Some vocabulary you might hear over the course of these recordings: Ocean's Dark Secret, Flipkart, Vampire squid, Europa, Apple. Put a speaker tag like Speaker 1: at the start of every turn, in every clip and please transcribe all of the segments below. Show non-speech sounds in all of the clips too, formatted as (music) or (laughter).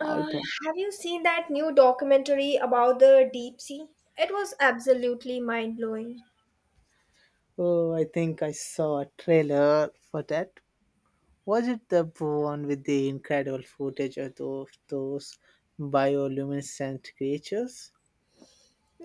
Speaker 1: I
Speaker 2: Uh,
Speaker 1: don't.
Speaker 2: have you seen that new documentary about the deep sea? It was absolutely mind blowing.
Speaker 1: Oh, I think I saw a trailer for that. Was it the one with the incredible footage of those bioluminescent creatures?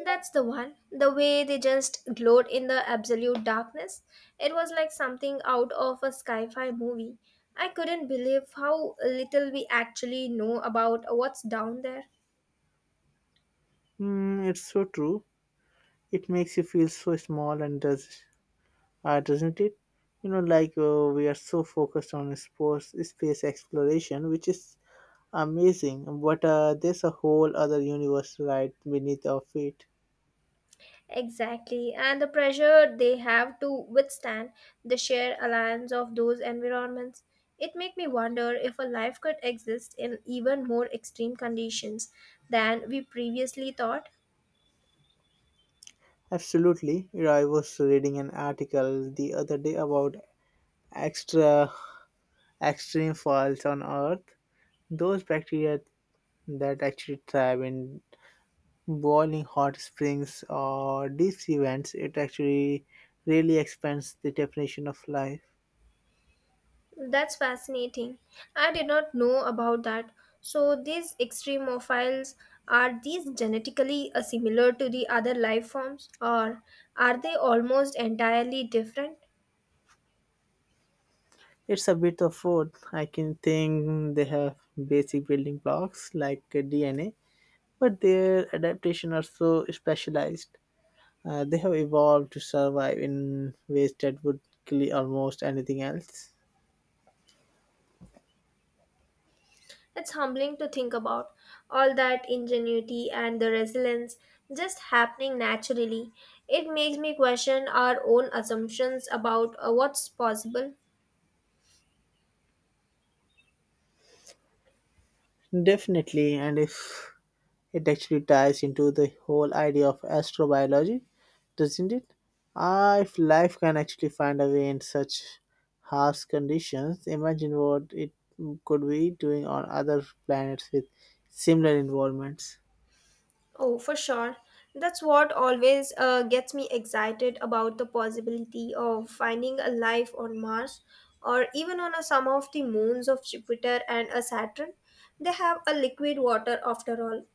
Speaker 2: That's the one. The way they just glowed in the absolute darkness. It was like something out of a sci fi movie. I couldn't believe how little we actually know about what's down there.
Speaker 1: Mm, it's so true. It makes you feel so small and does, doesn't it? We are so focused on sports, space exploration, which is amazing. But there's a whole other universe right beneath our feet.
Speaker 2: Exactly, and the pressure they have to withstand the sheer alliance of those environments. It makes me wonder if a life could exist in even more extreme conditions than we previously thought.
Speaker 1: Absolutely. I was reading an article the other day about extra extreme faults on Earth. Those bacteria that actually thrive in boiling hot springs or deep sea vents, it actually really expands the definition of life.
Speaker 2: That's fascinating. I did not know about that. So these extremophiles are these genetically similar to the other life forms, or are they almost entirely different?
Speaker 1: It's a bit of both. I can think they have basic building blocks like DNA, but their adaptation are so specialized. They have evolved to survive in ways that would kill almost anything else.
Speaker 2: It's humbling to think about all that ingenuity and the resilience just happening naturally. It makes me question our own assumptions about what's possible.
Speaker 1: Definitely, and if it actually ties into the whole idea of astrobiology, doesn't it? If life can actually find a way in such harsh conditions, imagine what it could be doing on other planets with similar environments.
Speaker 2: Oh, for sure. That's what always gets me excited about the possibility of finding a life on Mars, or even on a, some of the moons of Jupiter and a Saturn. They have a liquid water after all.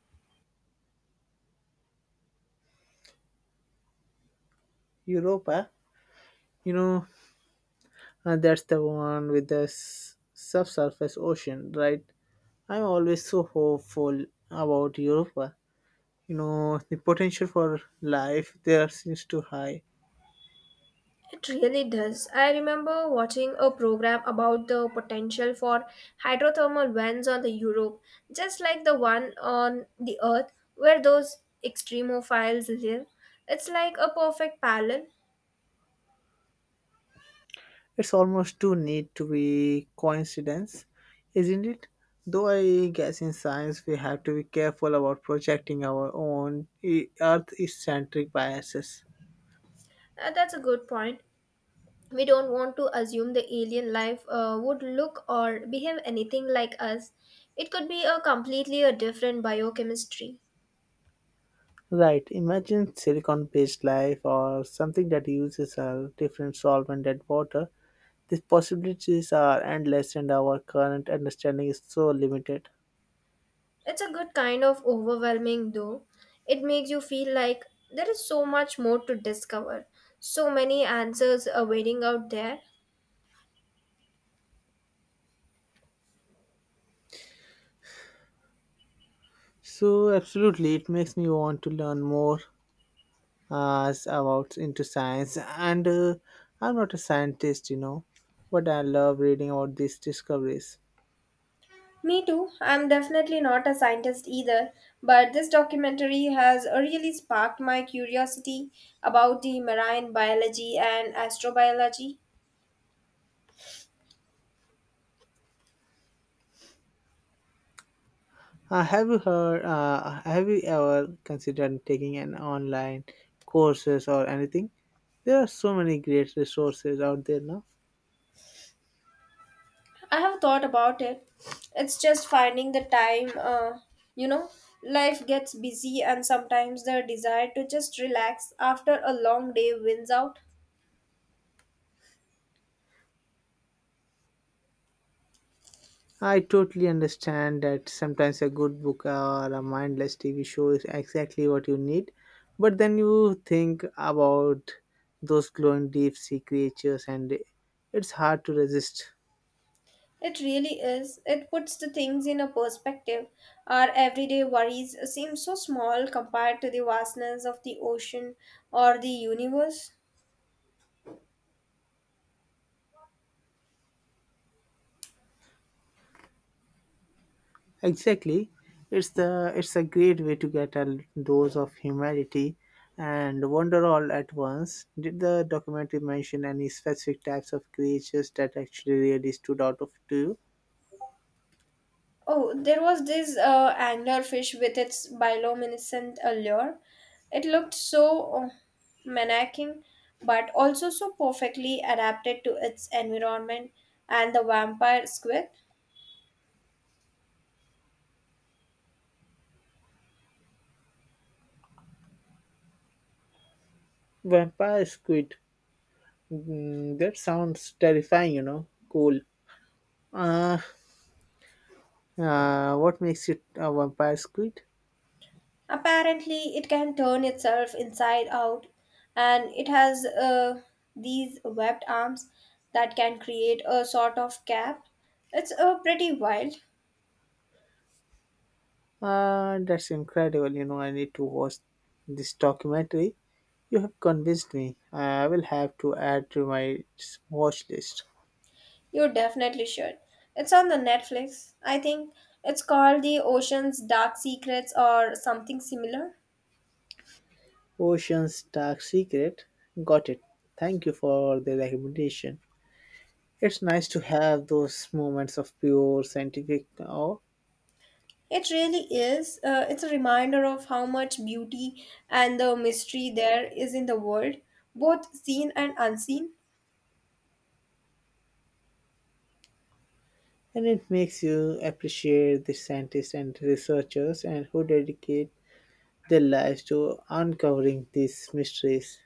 Speaker 1: Europa, you know, that's the one with the subsurface ocean, right? I'm always so hopeful about Europa. You know, the potential for life there seems too high.
Speaker 2: It really does. I remember watching a program about the potential for hydrothermal vents on the Europe, just like the one on the Earth where those extremophiles live. It's like a perfect parallel.
Speaker 1: It's almost too neat to be coincidence, isn't it? Though I guess in science we have to be careful about projecting our own Earth-centric biases.
Speaker 2: That's a good point. We don't want to assume the alien life would look or behave anything like us. It could be a completely a different biochemistry.
Speaker 1: Right. Imagine silicon-based life or something that uses a different solvent than water. These possibilities are endless, and our current understanding is so limited.
Speaker 2: It's a good kind of overwhelming, though. It makes you feel like there is so much more to discover, so many answers are waiting out there.
Speaker 1: So, absolutely, it makes me want to learn more about into science. And I'm not a scientist, you know, but I love reading about these discoveries.
Speaker 2: Me too. I'm definitely not a scientist either, but this documentary has really sparked my curiosity about the marine biology and astrobiology.
Speaker 1: Have you heard? Have you ever considered taking an online courses or anything? There are so many great resources out there now.
Speaker 2: I have thought about it. It's just finding the time, you know, life gets busy and sometimes the desire to just relax after a long day wins out.
Speaker 1: I totally understand that sometimes a good book or a mindless TV show is exactly what you need, but then you think about those glowing deep sea creatures and it's hard to resist.
Speaker 2: It really is. It puts the things in a perspective. Our everyday worries seem so small compared to the vastness of the ocean or the universe.
Speaker 1: Exactly. It's a great way to get a dose of humanity and wonder all at once. Did the documentary mention any specific types of creatures that actually really stood out of to you?
Speaker 2: Oh, there was this anglerfish with its bioluminescent allure. It looked so menacing, but also so perfectly adapted to its environment. And the vampire squid?
Speaker 1: Vampire squid. Mm, that sounds terrifying, you know. Cool. Uh, what makes it a vampire squid?
Speaker 2: Apparently, it can turn itself inside out, and it has these webbed arms that can create a sort of cap. It's pretty wild.
Speaker 1: That's incredible, you know. I need to watch this documentary. You have convinced me. I will have to add to my watch list.
Speaker 2: You definitely should. It's on the Netflix. I think it's called The Ocean's Dark Secrets or something similar.
Speaker 1: Ocean's Dark Secret. Got it. Thank you for the recommendation. It's nice to have those moments of pure scientific awe,
Speaker 2: It really is. It's a reminder of how much beauty and the mystery there is in the world, both seen and unseen.
Speaker 1: and it makes you appreciate the scientists and researchers and who dedicate their lives to uncovering these mysteries.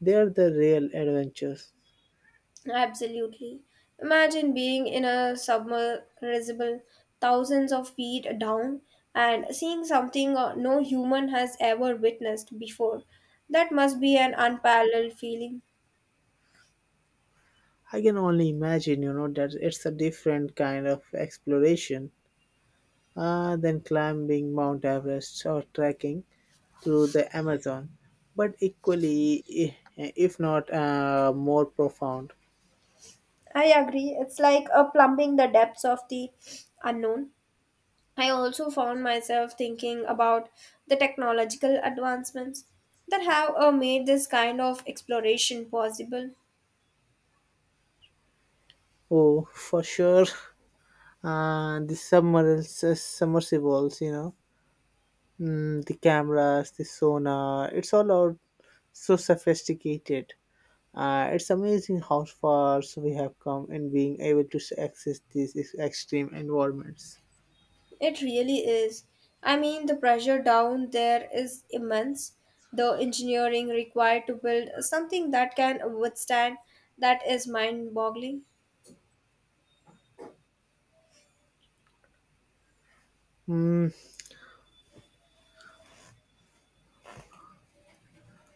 Speaker 1: They are the real adventures.
Speaker 2: Absolutely. Imagine being in a submersible thousands of feet down and seeing something no human has ever witnessed before. That must be an unparalleled feeling.
Speaker 1: I can only imagine, you know, that it's a different kind of exploration than climbing Mount Everest or trekking through the Amazon, but equally, if not more profound.
Speaker 2: I agree. It's like a plumbing the depths of the unknown. I also found myself thinking about the technological advancements that have made this kind of exploration possible.
Speaker 1: Oh, for sure, (laughs) uh, submersibles, you know, mm, the cameras, the sonar, it's all out so sophisticated. It's amazing how far so we have come in being able to access these extreme environments.
Speaker 2: It really is. I mean, the pressure down there is immense. The engineering required to build something that can withstand that is mind boggling.
Speaker 1: Mm,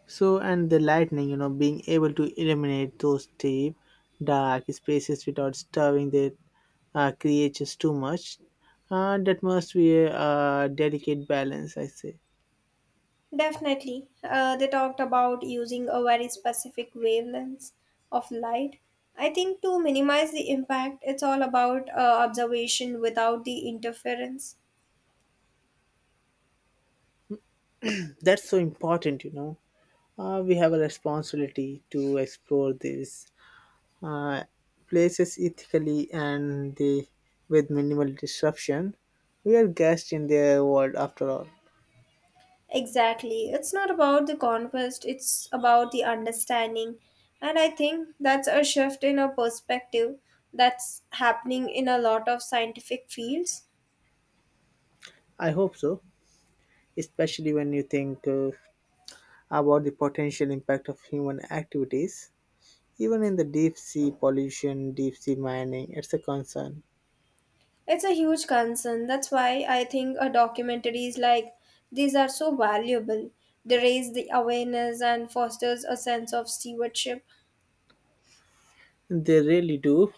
Speaker 1: so, and the lightning, you know, being able to illuminate those deep, dark spaces without disturbing the creatures too much. That must be a, delicate balance, I say.
Speaker 2: Definitely. They talked about using a very specific wavelength of light. I think to minimize the impact, it's all about observation without the interference.
Speaker 1: That's so important, you know. We have a responsibility to explore this uh, places ethically and they, with minimal disruption. We are guests in their world after all.
Speaker 2: Exactly. It's not about the conquest, it's about the understanding. And I think that's a shift in a perspective that's happening in a lot of scientific fields.
Speaker 1: I hope so, especially when you think about the potential impact of human activities. Even in the deep sea pollution, deep sea mining, it's a concern.
Speaker 2: It's a huge concern. That's why I think a documentaries like these are so valuable. They raise the awareness and fosters a sense of stewardship.
Speaker 1: They really do.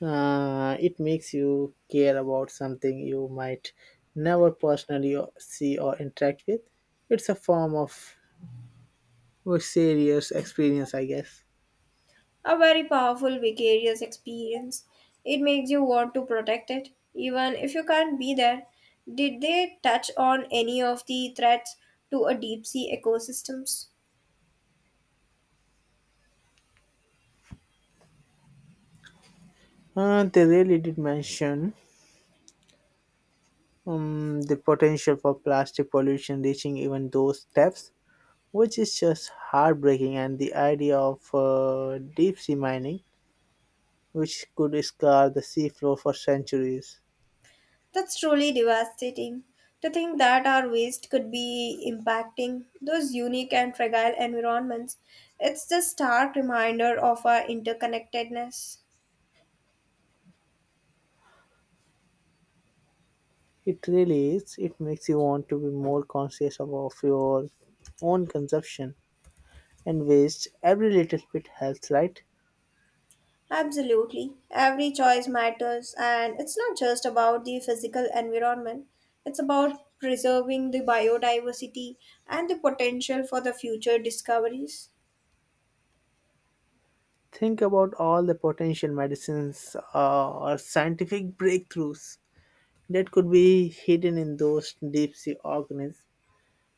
Speaker 1: It makes you care about something you might never personally see or interact with. It's a form of was serious experience, I guess.
Speaker 2: A very powerful vicarious experience. It makes you want to protect it, even if you can't be there. Did they touch on any of the threats to a deep sea ecosystems?
Speaker 1: They really did mention the potential for plastic pollution reaching even those depths, which is just heartbreaking, and the idea of deep sea mining, which could scar the seafloor for centuries.
Speaker 2: That's truly devastating. To think that our waste could be impacting those unique and fragile environments, it's the stark reminder of our interconnectedness.
Speaker 1: It really is. It makes you want to be more conscious of your own consumption and waste. Every little bit helps, right?
Speaker 2: Absolutely. Every choice matters, and it's not just about the physical environment, it's about preserving the biodiversity and the potential for the future discoveries.
Speaker 1: Think about all the potential medicines or scientific breakthroughs that could be hidden in those deep sea organisms.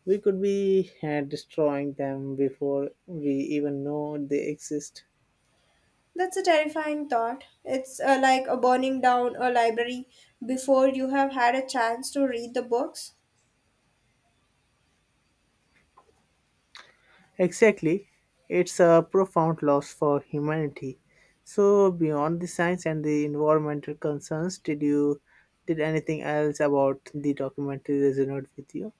Speaker 1: We could be destroying them before we even know they exist.
Speaker 2: That's a terrifying thought. It's like a burning down a library before you have had a chance to read the books.
Speaker 1: Exactly, it's a profound loss for humanity. So, beyond the science and the environmental concerns, did anything else about the documentary resonate with you?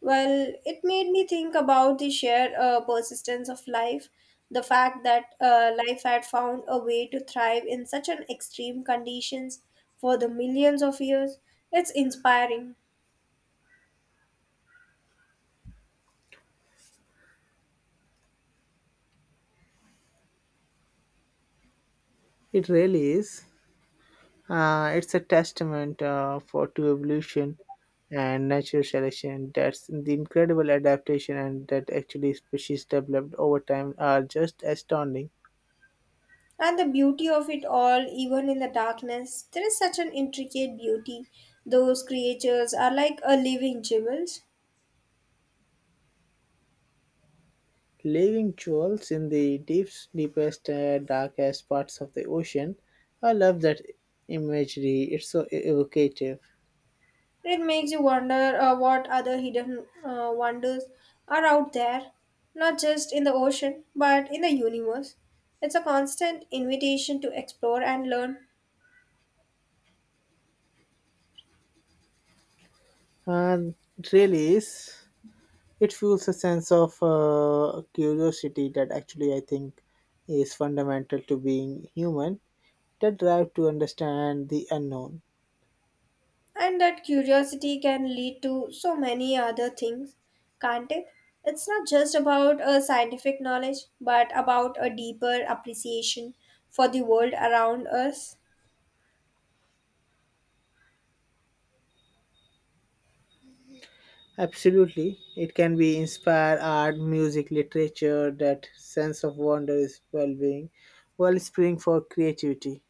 Speaker 2: Well, it made me think about the sheer persistence of life, the fact that life had found a way to thrive in such an extreme conditions for the millions of years. It's inspiring.
Speaker 1: It really is. It's a testament for to evolution and natural selection. That's the incredible adaptation and that actually species developed over time are just astounding.
Speaker 2: And the beauty of it all, even in the darkness, there is such an intricate beauty. Those creatures are like a living jewels.
Speaker 1: Living jewels in the deepest, darkest parts of the ocean. I love that imagery. It's so evocative.
Speaker 2: It makes you wonder what other hidden wonders are out there, not just in the ocean, but in the universe. It's a constant invitation to explore and learn,
Speaker 1: Uh, it really is. It fuels a sense of curiosity that actually I think is fundamental to being human, that drive to understand the unknown.
Speaker 2: and that curiosity can lead to so many other things, can't it? It's not just about a scientific knowledge, but about a deeper appreciation for the world around us.
Speaker 1: Absolutely. It can be inspire art, music, literature, that sense of wonder is wellspring for creativity.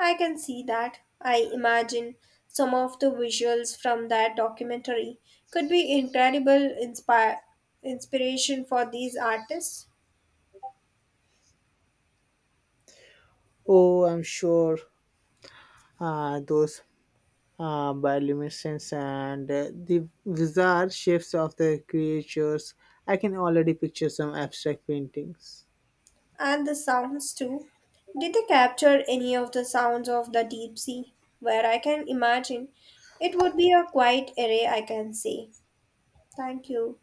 Speaker 2: I can see that. I imagine some of the visuals from that documentary could be incredible inspire inspiration for these artists
Speaker 1: Oh, I'm sure those bioluminescence and the bizarre shapes of the creatures. I can already picture some abstract paintings.
Speaker 2: and the sounds too. Did they capture any of the sounds of the deep sea? Where I can imagine it would be a quiet array, I can say. Thank you.